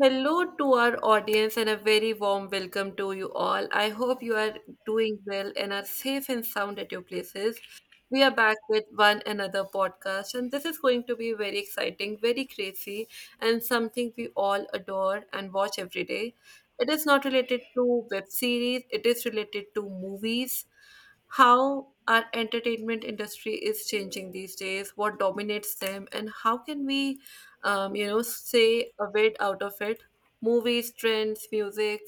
Hello to our audience and a very warm welcome to you all. I hope you are doing well and are safe and sound at your places. We are back with one another podcast, and this is going to be very exciting, very crazy, and something we all adore and watch every day. It is not related to web series, it is related to movies, how our entertainment industry is changing these days, what dominates them, and how can we say a bit out of it. Movies, trends, music,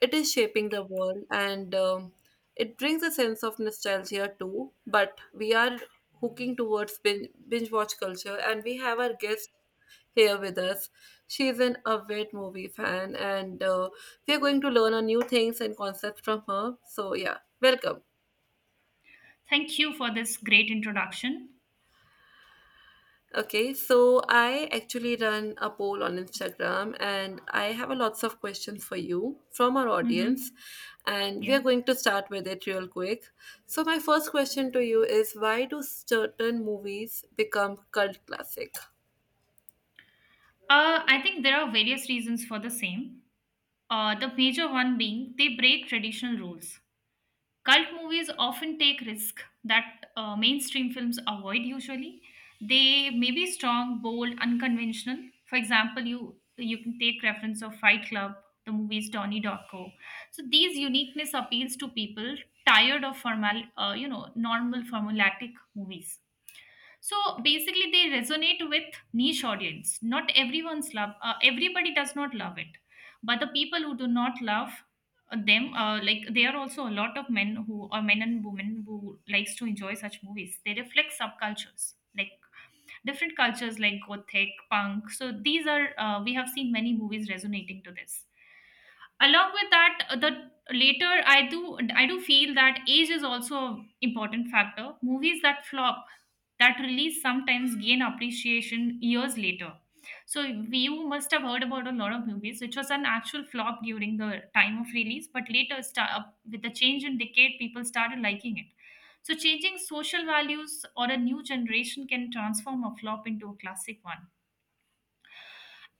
it is shaping the world, and it brings a sense of nostalgia too. But we are hooking towards binge watch culture, and we have our guest here with us. She's an avid movie fan, and we are going to learn on new things and concepts from her. So, yeah, welcome. Thank you for this great introduction. Okay, so I actually run a poll on Instagram, and I have a lots of questions for you from our hmm audience, and we Yeah. are going to start with it real quick. So my first question to you is, why do certain movies become cult classic? I think there are various reasons for the same. The major one being they break traditional rules. Cult movies often take risks that mainstream films avoid usually. They may be strong, bold, unconventional. For example, you can take reference of Fight Club, the movies Donnie Darko. So these uniqueness appeals to people tired of formal, normal formulaic movies, so basically they resonate with niche audience. Not everyone's love, everybody does not love it, but the people who do not love them, like there are also a lot of men who or men and women who likes to enjoy such movies. They reflect subcultures like different cultures like gothic punk. So these are, we have seen many movies resonating to this. Along with that, the later I do feel that age is also an important factor. Movies that flop, that release sometimes gain appreciation years later. So you must have heard about a lot of movies which was an actual flop during the time of release, but later with the change in decade people started liking it. So changing social values or a new generation can transform a flop into a classic one.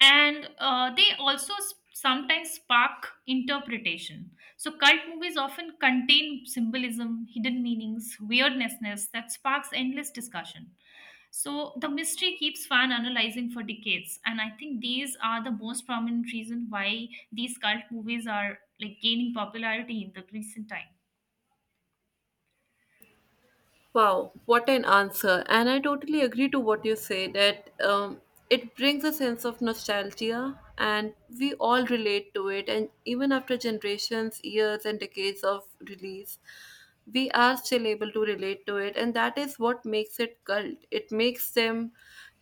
And they also sometimes spark interpretation. So, cult movies often contain symbolism, hidden meanings, weirdnessness that sparks endless discussion. So, the mystery keeps fan analyzing for decades, and I think these are the most prominent reason why these cult movies are like gaining popularity in the recent time. Wow, what an answer. And I totally agree to what you say that it brings a sense of nostalgia and we all relate to it. And even after generations, years, and decades of release, we are still able to relate to it. And that is what makes it cult. It makes them,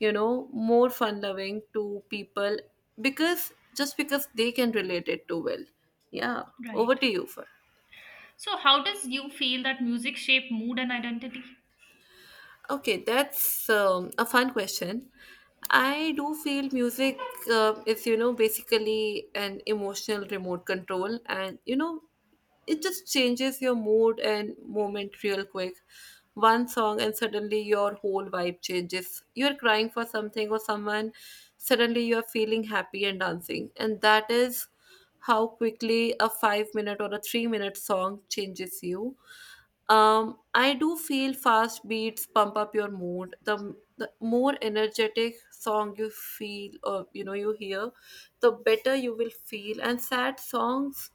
you know, more fun loving to people because just because they can relate it too well. Yeah, over Right. to you first. So, how does you feel that music shape mood and identity? Okay, that's a fun question. I do feel music is, you know, basically an emotional remote control, and you know, it just changes your mood and moment real quick. One song, and suddenly your whole vibe changes. You're crying for something or someone, suddenly you're feeling happy and dancing, and that is how quickly a 5 minute or a 3 minute song changes you. I do feel fast beats pump up your mood. The more energetic song you feel, or you know, you hear, the better you will feel. And sad songs,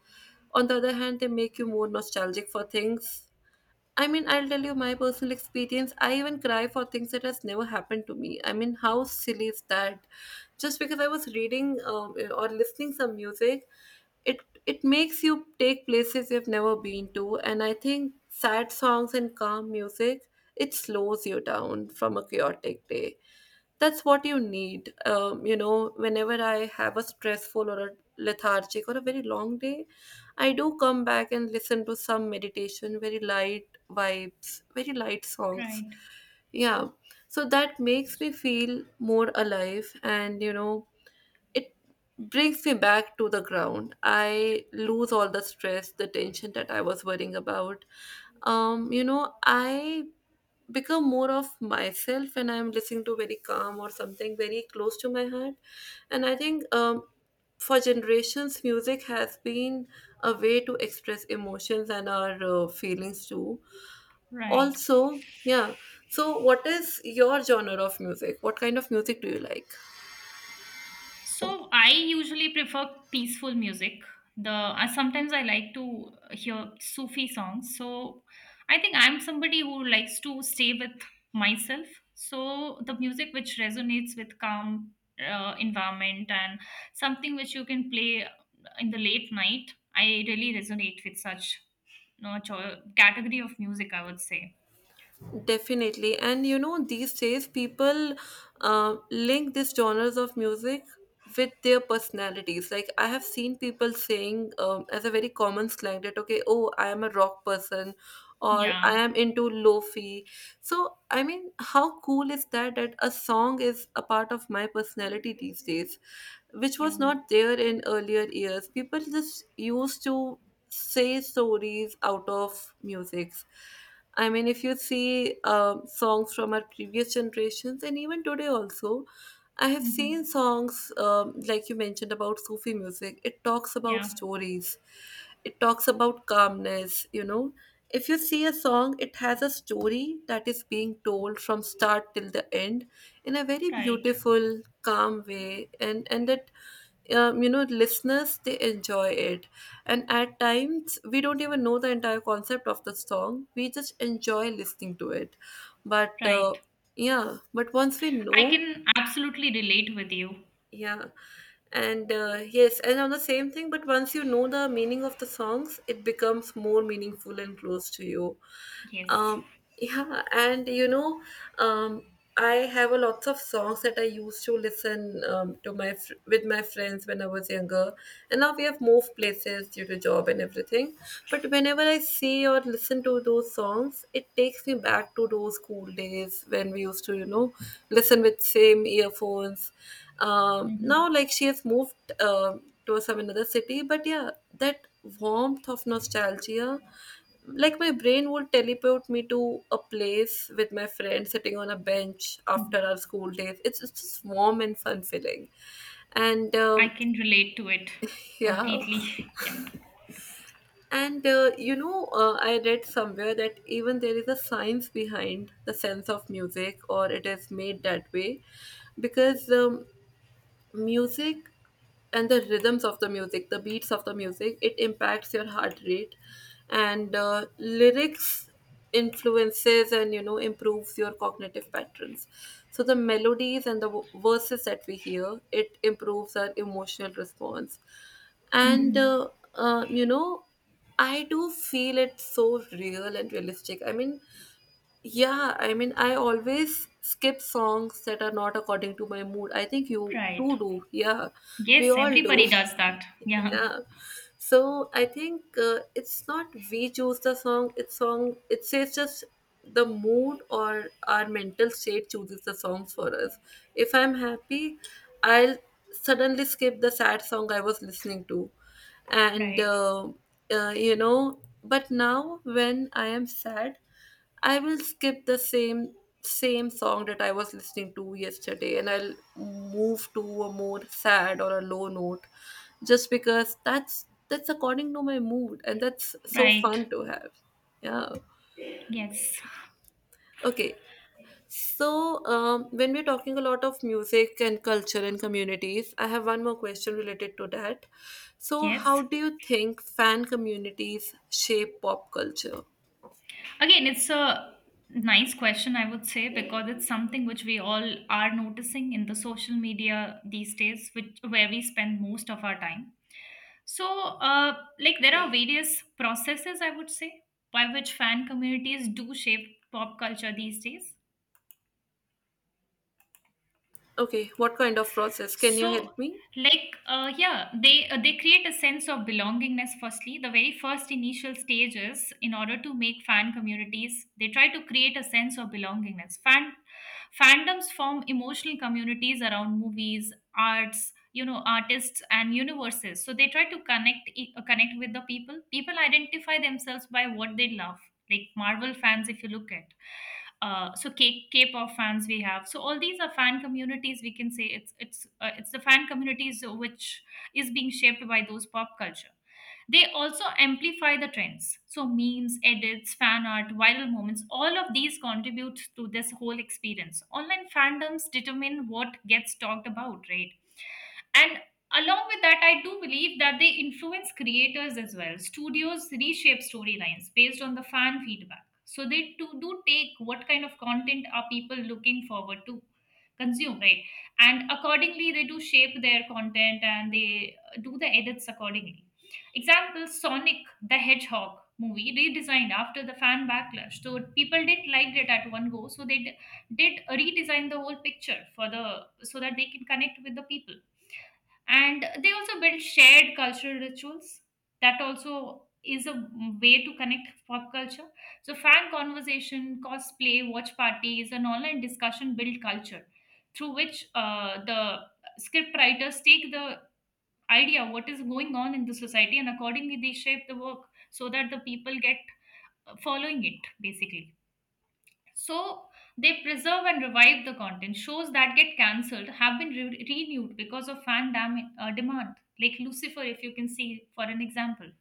on the other hand, they make you more nostalgic for things. I mean, I'll tell you my personal experience. I even cry for things that has never happened to me. I mean, how silly is that? Just because I was reading or listening some music, it it makes you take places you've never been to. And I think sad songs and calm music, it slows you down from a chaotic day. That's what you need. You know, whenever I have a stressful or a lethargic or a very long day, I do come back and listen to some meditation, very light vibes, very light songs. Right. Yeah. So that makes me feel more alive, and you know, it brings me back to the ground. I lose all the stress, the tension that I was worrying about. You know, I become more of myself when I'm listening to very calm or something very close to my heart. And I think for generations, music has been a way to express emotions and our feelings too. Right. Also, yeah. So, what is your genre of music? What kind of music do you like? So I usually prefer peaceful music. The Sometimes I like to hear Sufi songs. So I think I'm somebody who likes to stay with myself. So the music which resonates with calm environment and something which you can play in the late night, I really resonate with such no cho- category of music, I would say. Definitely. And you know, these days people link these genres of music with their personalities. Like, I have seen people saying as a very common slang that, okay, oh, I am a rock person or Yeah, I am into lofi. So, I mean, how cool is that that a song is a part of my personality these days, which was yeah. not there in earlier years? People just used to say stories out of musics. I mean, if you see songs from our previous generations and even today also, I have seen hmm songs like you mentioned about Sufi music. It talks about yeah. stories. It talks about calmness. You know, if you see a song, it has a story that is being told from start till the end in a very Right, beautiful, calm way, and that, you know, listeners, they enjoy it. And at times, we don't even know the entire concept of the song, we just enjoy listening to it. But right. yeah, but once we I know. can absolutely relate with you. Yeah. And yes, and on the same thing, but once you know the meaning of the songs, it becomes more meaningful and close to you. Yes. Um, yeah, and you know, um, I have a lots of songs that I used to listen to my with my friends when I was younger, and now we have moved places due to job and everything. But whenever I see or listen to those songs, it takes me back to those school days when we used to, you know, listen with same earphones. Now, Mhm. like, she has moved to some another city. But yeah, that warmth of nostalgia, like, my brain would teleport me to a place with my friend sitting on a bench after our school days. It's just warm and fun feeling. And I can relate to it yeah. completely. Yeah. And you know, I read somewhere that even there is a science behind the sense of music, or it is made that way, because music and the rhythms of the music, the beats of the music, it impacts your heart rate, and lyrics influences and you know improves your cognitive patterns. So the melodies and the verses that we hear, it improves our emotional response, and hmm uh, uh, you know, I do feel it so real and realistic. I mean. Yeah, I mean, I always skip songs that are not according to my mood. I think you Right. too do. Yeah, we Yes, all do. everybody does that. Yeah. Yeah. So I think it's not we choose the song. It's song. It says just the mood or our mental state chooses the songs for us. If I'm happy, I'll suddenly skip the sad song I was listening to, and Right. uh, uh, you know. But now when I am sad, I will skip the same song that I was listening to yesterday, and I'll move to a more sad or a low note just because that's according to my mood, and that's so Right. fun to have. Yeah. Yes. Okay. So, when we're talking a lot of music and culture and communities, I have one more question related to that. So, how Yes. do you think fan communities shape pop culture? Again, it's a nice question, I would say, because it's something which we all are noticing in the social media these days, which where we spend most of our time. So, there are various processes, I would say, by which fan communities do shape pop culture these days. Okay, what kind of process? Can you So, help me? Yeah, they create a sense of belongingness. Firstly, the very first initial stages, in order to make fan communities, they try to create a sense of belongingness. Fandoms form emotional communities around movies, arts, you know, artists and universes, so they try to connect connect with the people. People identify themselves by what they love, like Marvel fans, if you look at, K-pop fans we have. So all these are fan communities, we can say. It's the fan communities which is being shaped by those pop culture. They also amplify the trends, so memes, edits, fan art, viral moments, all of these contribute to this whole experience. Online fandoms determine what gets talked about, right? And along with that, I do believe that they influence creators as well. Studios reshape storylines based on the fan feedback. So they do, do take what kind of content are people looking forward to consume, right? And accordingly, they do shape their content and they do the edits accordingly. Example, Sonic the Hedgehog movie redesigned after the fan backlash. So people didn't like it at one go, so did redesign the whole picture for the so that they can connect with the people. And they also build shared cultural rituals. That also is a way to connect pop culture. So fan conversation, cosplay, watch parties and online discussion build culture, through which the script writers take the idea what is going on in the society and accordingly they shape the work so that the people get following it basically. So they preserve and revive the content. Shows that get cancelled have been renewed because of demand, like Lucifer, if you can see for an example.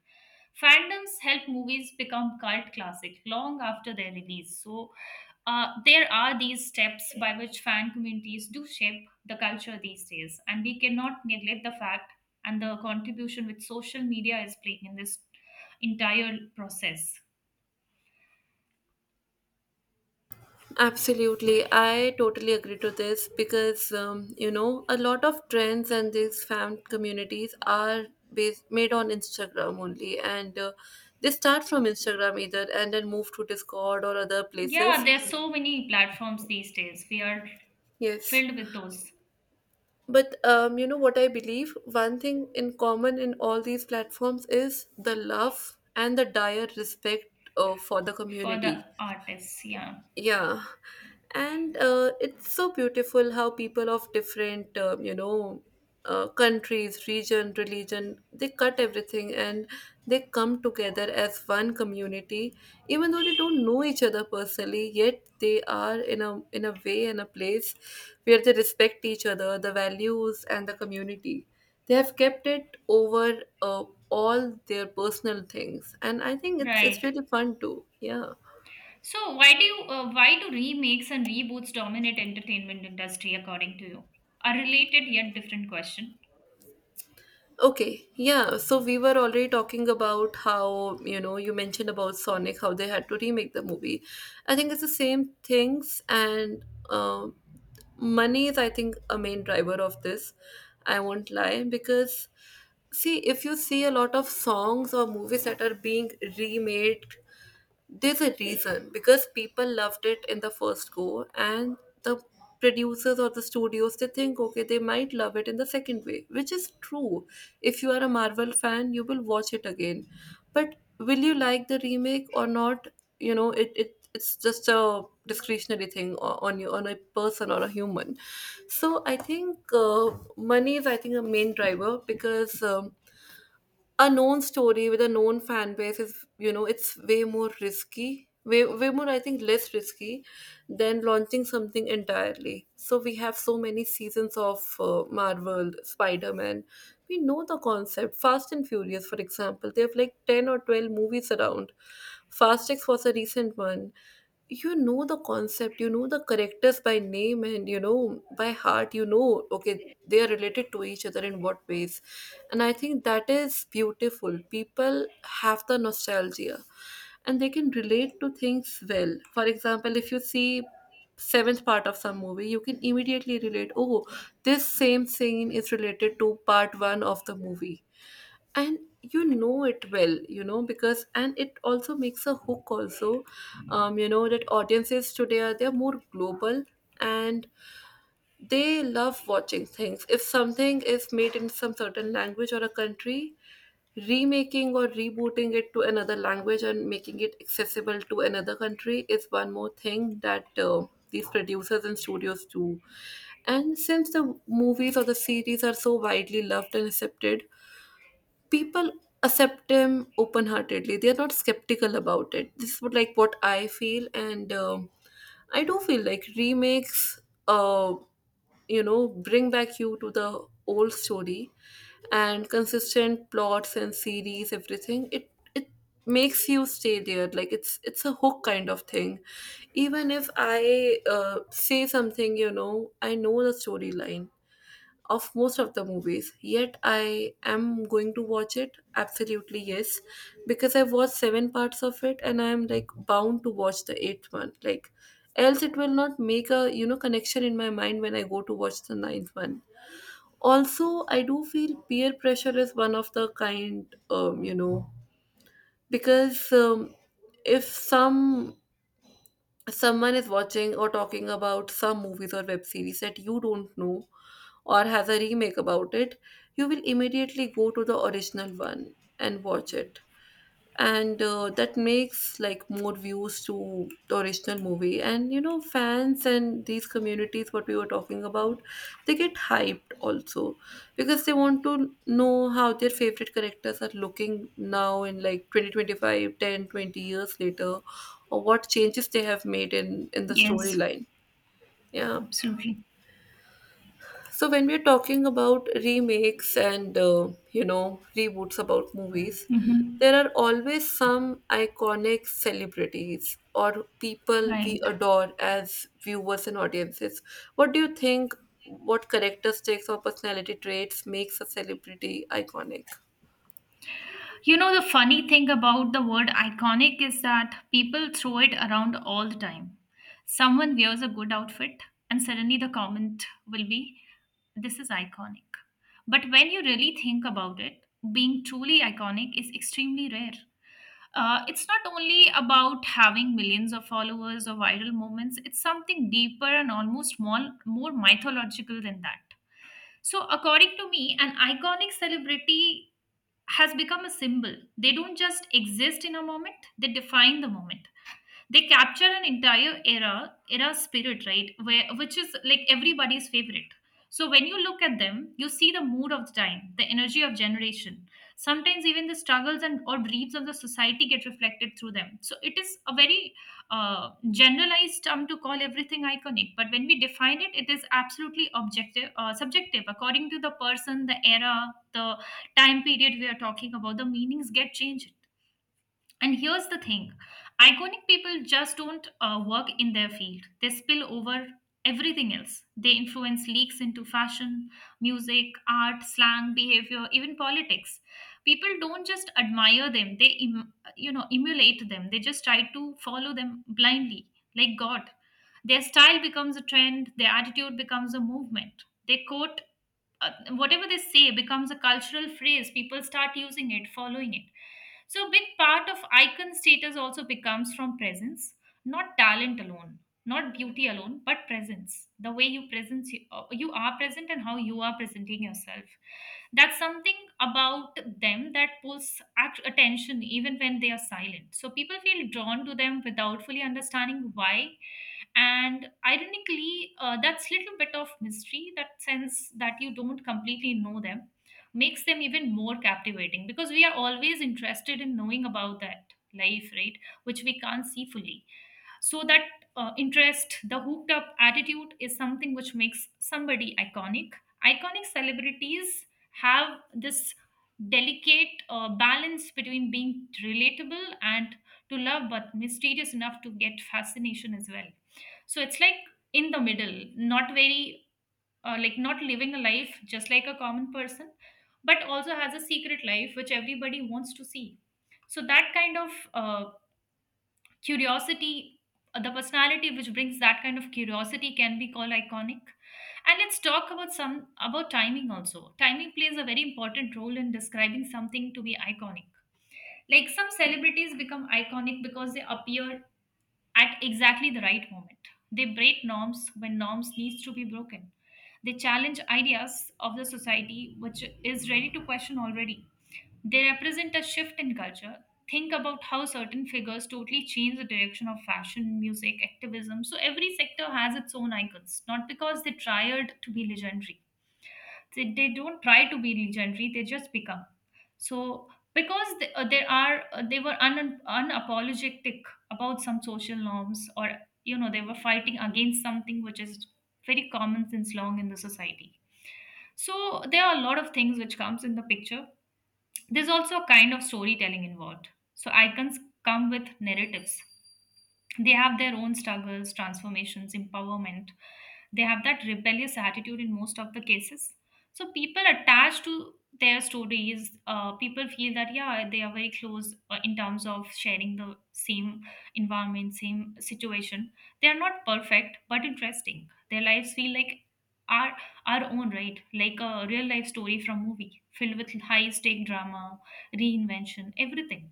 Fandoms help movies become cult classic long after their release. So there are these steps by which fan communities do shape the culture these days, and we cannot neglect the fact and the contribution which social media is playing in this entire process. Absolutely. I totally agree to this because, you know, a lot of trends and these fan communities are based, made on Instagram only. And they start from Instagram either and then move to Discord or other Yeah, places. there are so many platforms these days. We are Yes. filled with those. But, you know, what I believe one thing in common in all these platforms is the love and the dire respect for the For the community. artists. Yeah, Yeah, and it's so beautiful how people of different, countries, region, religion, they cut everything and they come together as one community, even though they don't know each other personally. Yet they are in a way and a place where they respect each other, the values and the community. They have kept it over all their personal things, and I think it's right. really fun too. Yeah. So why do you, why do remakes and reboots dominate entertainment industry according to you? A related yet different question. Okay, yeah. So we were already talking about how, you know, you mentioned about Sonic, how they had to remake the movie. I think it's the same things, and um, money is, I think, a main driver of this. I won't lie, because see, if you see a lot of songs or movies that are being remade, there's a reason because people loved it in the first go, and the producers or the studios, they think okay, they might love it in the second way, which is true. If you are a Marvel fan, you will watch it again, but will you like the remake or not? You know it's just a discretionary thing on you, on a person or a human. So I think money is, I think, a main driver, because a known story with a known fan base is, you know, it's way more risky, way more, I think, less risky than launching something entirely. So we have so many seasons of Marvel, Spider-Man. We know the concept. Fast and Furious, for example, they have like 10 or 12 movies around. Fast X was a recent one. You know the concept, you know the characters by name, and you know by heart, you know, okay, they are related to each other in what ways. And I think that is beautiful. People have the nostalgia, and they can relate to things well. For example, if you see seventh part of some movie, you can immediately relate, oh, this same scene is related to part 1 of the movie. And you know it well, you know, because and it also makes a hook also. You know that audiences today are they're more global, and they love watching things. If something is made in some certain language or a country, remaking or rebooting it to another language and making it accessible to another country is one more thing that these producers and studios do. And since the movies or the series are so widely loved and accepted, people accept them open heartedly. They are not skeptical about it. This is what, like, what I feel. And I do feel like remakes, uh you know, bring back you to the old story, and consistent plots and series, everything, it makes you stay there. Like, it's a hook kind of thing. Even if I say something, you know, I know the storyline of most of the movies. Yet I am going to watch it. Absolutely, yes. Because I've watched seven parts of it and I'm like bound to watch the eighth one. Like else it will not make a, you know, connection in my mind when I go to watch the ninth one. Also, I do feel peer pressure is one of the kind, you know, because if someone is watching or talking about some movies or web series that you don't know or has a remake about it, you will immediately go to the original one and watch it. And that makes like more views to the original movie. And you know, fans and these communities, what we were talking about, they get hyped also because they want to know how their favorite characters are looking now in like 20, 25, 10, 20 years later, or what changes they have made in the Yes, storyline. Yeah. absolutely. So when we're talking about remakes and you know, reboots about movies, Mm-hmm. there are always some iconic celebrities or people we Right. adore as viewers and audiences. What do you think? What characteristics or personality traits makes a celebrity iconic? You know, the funny thing about the word iconic is that people throw it around all the time. Someone wears a good outfit, and suddenly the comment will be, this is iconic. But when you really think about it, being truly iconic is extremely rare. It's not only about having millions of followers or viral moments, it's something deeper and almost more mythological than that. So, according to me, an iconic celebrity has become a symbol. They don't just exist in a moment, they define the moment. They capture an entire era spirit, right? Where which is like everybody's favorite. So when you look at them, you see the mood of the time, the energy of generation. Sometimes even the struggles and or dreams of the society get reflected through them. So it is a very generalized term to call everything iconic, but when we define it, it is absolutely subjective according to the person, the era, the time period we are talking about. The meanings get changed. And here's the thing, iconic people just don't work in their field, they spill over everything else. They influence leaks into fashion, music, art, slang, behavior, even politics. People don't just admire them, you know, emulate them. They just try to follow them blindly, like God. Their style becomes a trend, their attitude becomes a movement. They quote Whatever they say becomes a cultural phrase. People start using it, following it. So, a big part of icon status also becomes from presence, not talent alone, not beauty alone, but presence. The way you are present, and how you are presenting yourself. That's something about them that attention even when they are silent. So, people feel drawn to them without fully understanding why, and ironically that's little bit of mystery, that sense that you don't completely know them, makes them even more captivating, because we are always interested in knowing about that life, right, which we can't see fully. So that interest, the hooked up attitude, is something which makes somebody iconic. Iconic celebrities have this delicate balance between being relatable and to love but mysterious enough to get fascination as well. So it's like in the middle, not very not living a life just like a common person, but also has a secret life which everybody wants to see. So that kind of curiosity, the personality which brings that kind of curiosity can be called iconic. And let's talk about some about timing also. Timing plays a very important role in describing something to be iconic. Like some celebrities become iconic because they appear at exactly the right moment. They break norms when norms needs to be broken. They challenge ideas of the society which is ready to question already. They represent a shift in culture. Think about how certain figures totally change the direction of fashion, music, activism. So every sector has its own icons, not because they tried to be legendary. They don't try to be legendary, they just become. So because they were unapologetic about some social norms, or you know they were fighting against something which is very common since long in the society. So there are a lot of things which comes in the picture. There's also a kind of storytelling involved. So icons come with narratives. They have their own struggles, transformations, empowerment. They have that rebellious attitude in most of the cases. So people attached to their stories. People feel that yeah they are very close in terms of sharing the same environment, same situation. They are not perfect but interesting, their lives feel like our our own, right, like a real life story from movie filled with high stake drama, reinvention, everything.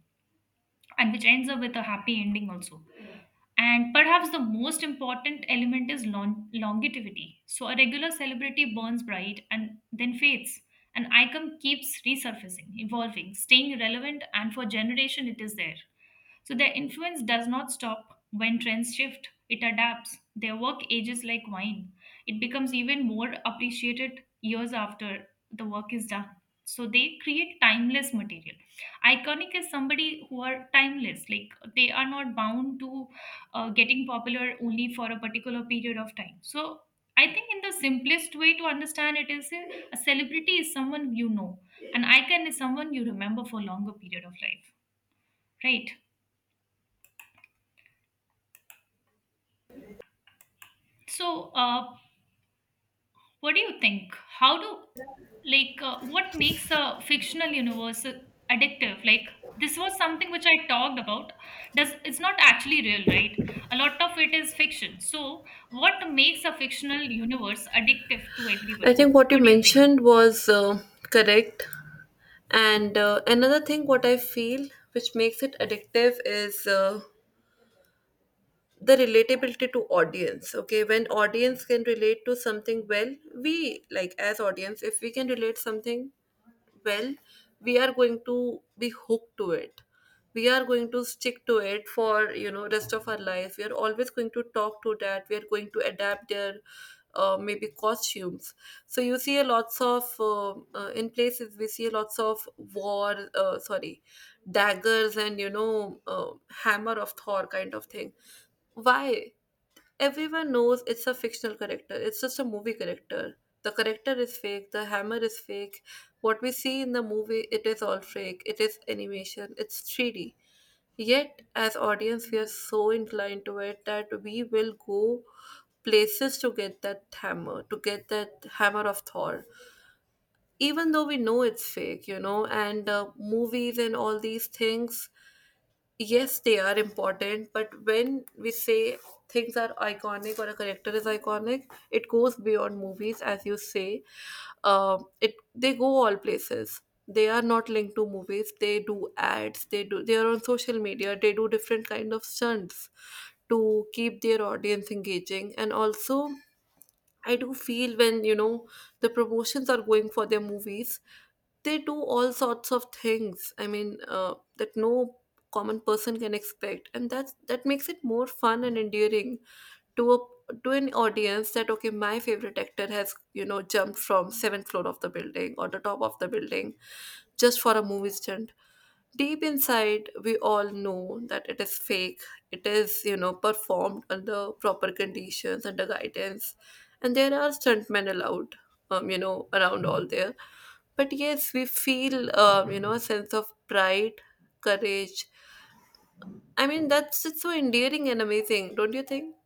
And which ends up with a happy ending also. And perhaps the most important element is longevity. So a regular celebrity burns bright and then fades. An icon keeps resurfacing, evolving, staying relevant, and for generation it is there. So their influence does not stop when trends shift. It adapts. Their work ages like wine. It becomes even more appreciated years after the work is done. So they create timeless material. Iconic is somebody who are timeless. Like they are not bound to getting popular only for a particular period of time. So I think in the simplest way to understand it is a celebrity is someone you know, an icon is someone you remember for a longer period of life, right? So what do you think? How do like What makes a fictional universe addictive? Like this was something which I talked about. Does it's not actually real, right? A lot of it is fiction. So what makes a fictional universe addictive to I everybody? think what you What do you think? mentioned was correct. And another thing, what I feel which makes it addictive is the relatability to audience. Okay, when audience can relate to something well, we like, as audience, if we can relate something well, we are going to be hooked to it. We are going to stick to it for, you know, rest of our life. We are always going to talk to that, we are going to adapt their maybe costumes. So you see a lots of in places we see lots of war sorry, daggers, and you know, hammer of Thor kind of thing. Why? Everyone knows it's a fictional character. It's just a movie character. The character is fake. The hammer is fake. What we see in the movie, it is all fake. It is animation. It's 3D. Yet, as audience, we are so inclined to it that we will go places to get that hammer, to get that hammer of Thor. Even though we know it's fake, you know, and movies and all these things, yes, they are important. But when we say things are iconic or a character is iconic, it goes beyond movies, as you say. It, they go all places. They are not linked to movies. They do ads, they do, they are on social media, they do different kind of stunts to keep their audience engaging. And also, I do feel when, you know, the promotions are going for their movies, they do all sorts of things. I mean, that no common person can expect, and that makes it more fun and endearing to a to an audience that okay, my favorite actor has, you know, jumped from seventh floor of the building or the top of the building just for a movie stunt. Deep inside, we all know that it is fake. It is, you know, performed under proper conditions, under guidance. And there are stuntmen allowed, you know, around all there. But yes, we feel, you know, a sense of pride, courage. I mean, that's just so endearing and amazing, don't you think?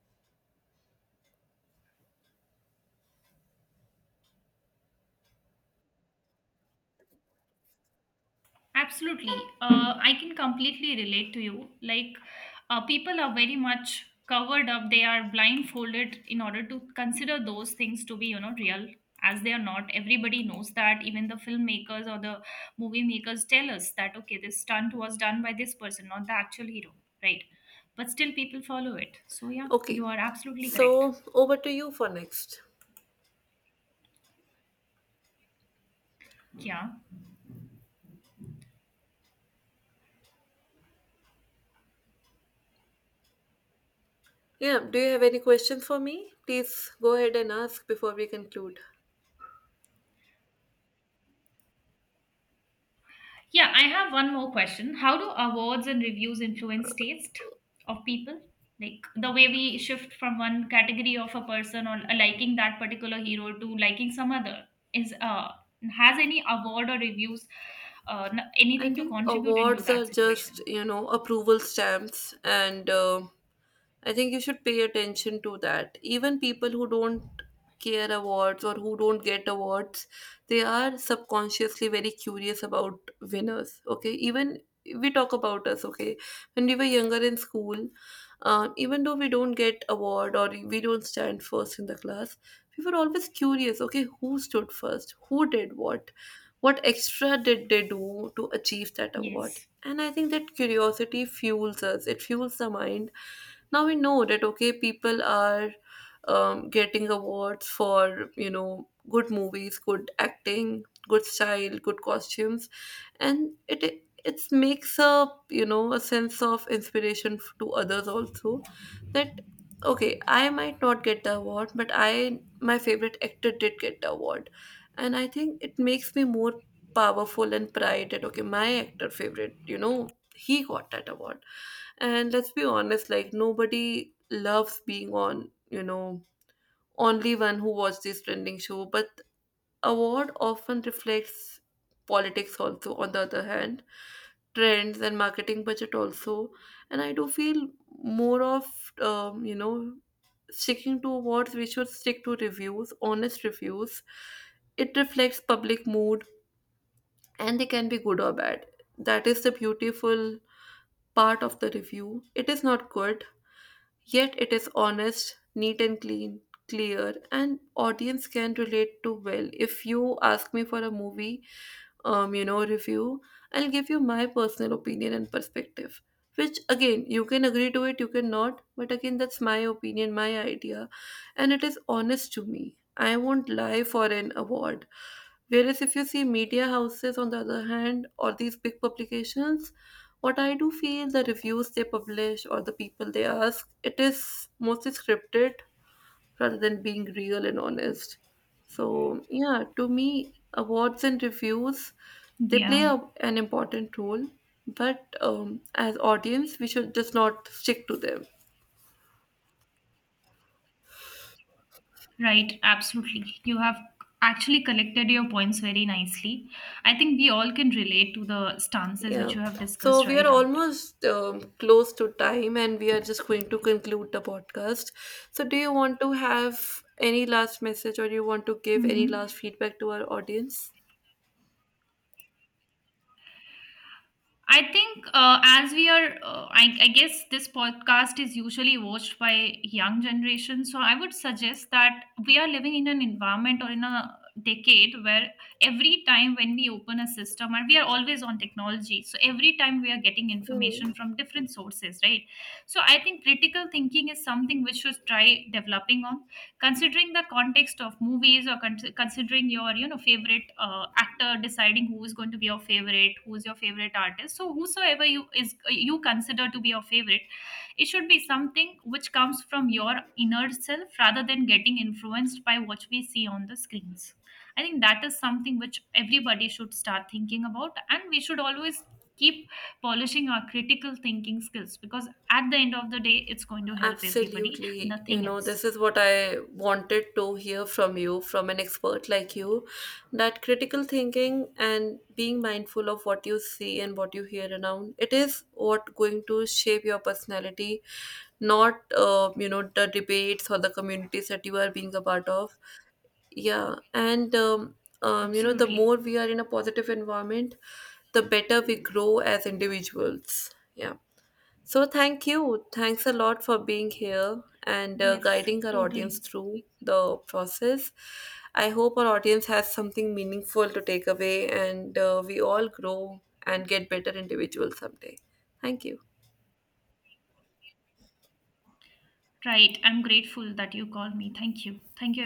Absolutely. I can completely relate to you. Like, people are very much covered up. They are blindfolded in order to consider those things to be, you know, real, as they are not. Everybody knows that. Even the filmmakers or the movie makers tell us that, okay, this stunt was done by this person, not the actual hero, right? But still, people follow it. So, yeah, Okay, you are absolutely correct. so over to you for next. Yeah. Yeah, do you have any questions for me? Please go ahead and ask before we conclude. Yeah, I have one more question. How do awards and reviews influence taste of people? Like the way we shift from one category of a person or liking that particular hero to liking some other is has any award or reviews I anything to think contribute into awards are that just, situation? you know, approval stamps, and I think you should pay attention to that. Even people who don't care awards or who don't get awards, they are subconsciously very curious about winners. Okay, even we talk about us. Okay, when we were younger in school, even though we don't get award or we don't stand first in the class, we were always curious. Okay, who stood first? Who did what? What extra did they do to achieve that award? Yes. And I think that curiosity fuels us, it fuels the mind. Now we know that okay, people are getting awards for, you know, good movies, good acting, good style, good costumes. And it makes a, you know, a sense of inspiration to others also, that okay, I might not get the award, but I, my favorite actor did get the award. And I think it makes me more powerful and pride that okay, my actor favorite, you know, he got that award. And let's be honest, like nobody loves being on, you know, only one who watched this trending show. But award often reflects politics also, on the other hand, trends and marketing budget also. And I do feel more of, you know, sticking to awards, we should stick to reviews, honest reviews. It reflects public mood, and they can be good or bad. That is the beautiful part of the review. It is not good, yet it is honest, neat and clean, clear, and audience can relate to well. If you ask me for a movie, you know, review, I'll give you my personal opinion and perspective. Which again, you can agree to it, you cannot, but again, that's my opinion, my idea, and it is honest to me. I won't lie for an award. Whereas if you see media houses, on the other hand, or these big publications, what I do feel the reviews they publish or the people they ask, it is mostly scripted rather than being real and honest. So yeah, to me, awards and reviews, they play Yeah, a, an important role, but as audience, we should just not stick to them. right. Absolutely. You have actually collected your points very nicely. I think we all can relate to the stances Yeah, which you have so discussed we are right after. almost close to time and we are just going to conclude the podcast. So, do you want to have any last message or you want to give any last Mm-hmm. feedback to our audience? I think as we are, I guess this podcast is usually watched by young generation. So I would suggest that we are living in an environment or in a decade where every time when we open a system, and we are always on technology. So every time we are getting Mm. information from different sources, right? So I think critical thinking is something which should try developing on considering the context of movies or considering your you know favorite actor, deciding who is going to be your favorite, who is your favorite artist. So whosoever you is, you consider to be your favorite, it should be something which comes from your inner self rather than getting influenced by what we see on the screens. I think that is something which everybody should start thinking about, and we should always keep polishing our critical thinking skills, because at the end of the day it's going to help everybody. Absolutely. You Nothing know, else. this is what I wanted to hear from you, from an expert like you, that critical thinking and being mindful of what you see and what you hear around, it is what going to shape your personality, not, you know, the debates or the communities that you are being a part of. Yeah. And, you know, the more Absolutely. we are in a positive environment, the better we grow as individuals. Yeah. So, thank you. Thanks a lot for being here and Yes, guiding our audience totally. through the process. I hope our audience has something meaningful to take away and we all grow and get better individuals someday. Thank you. Right. I'm grateful that you called me. Thank you. Thank you,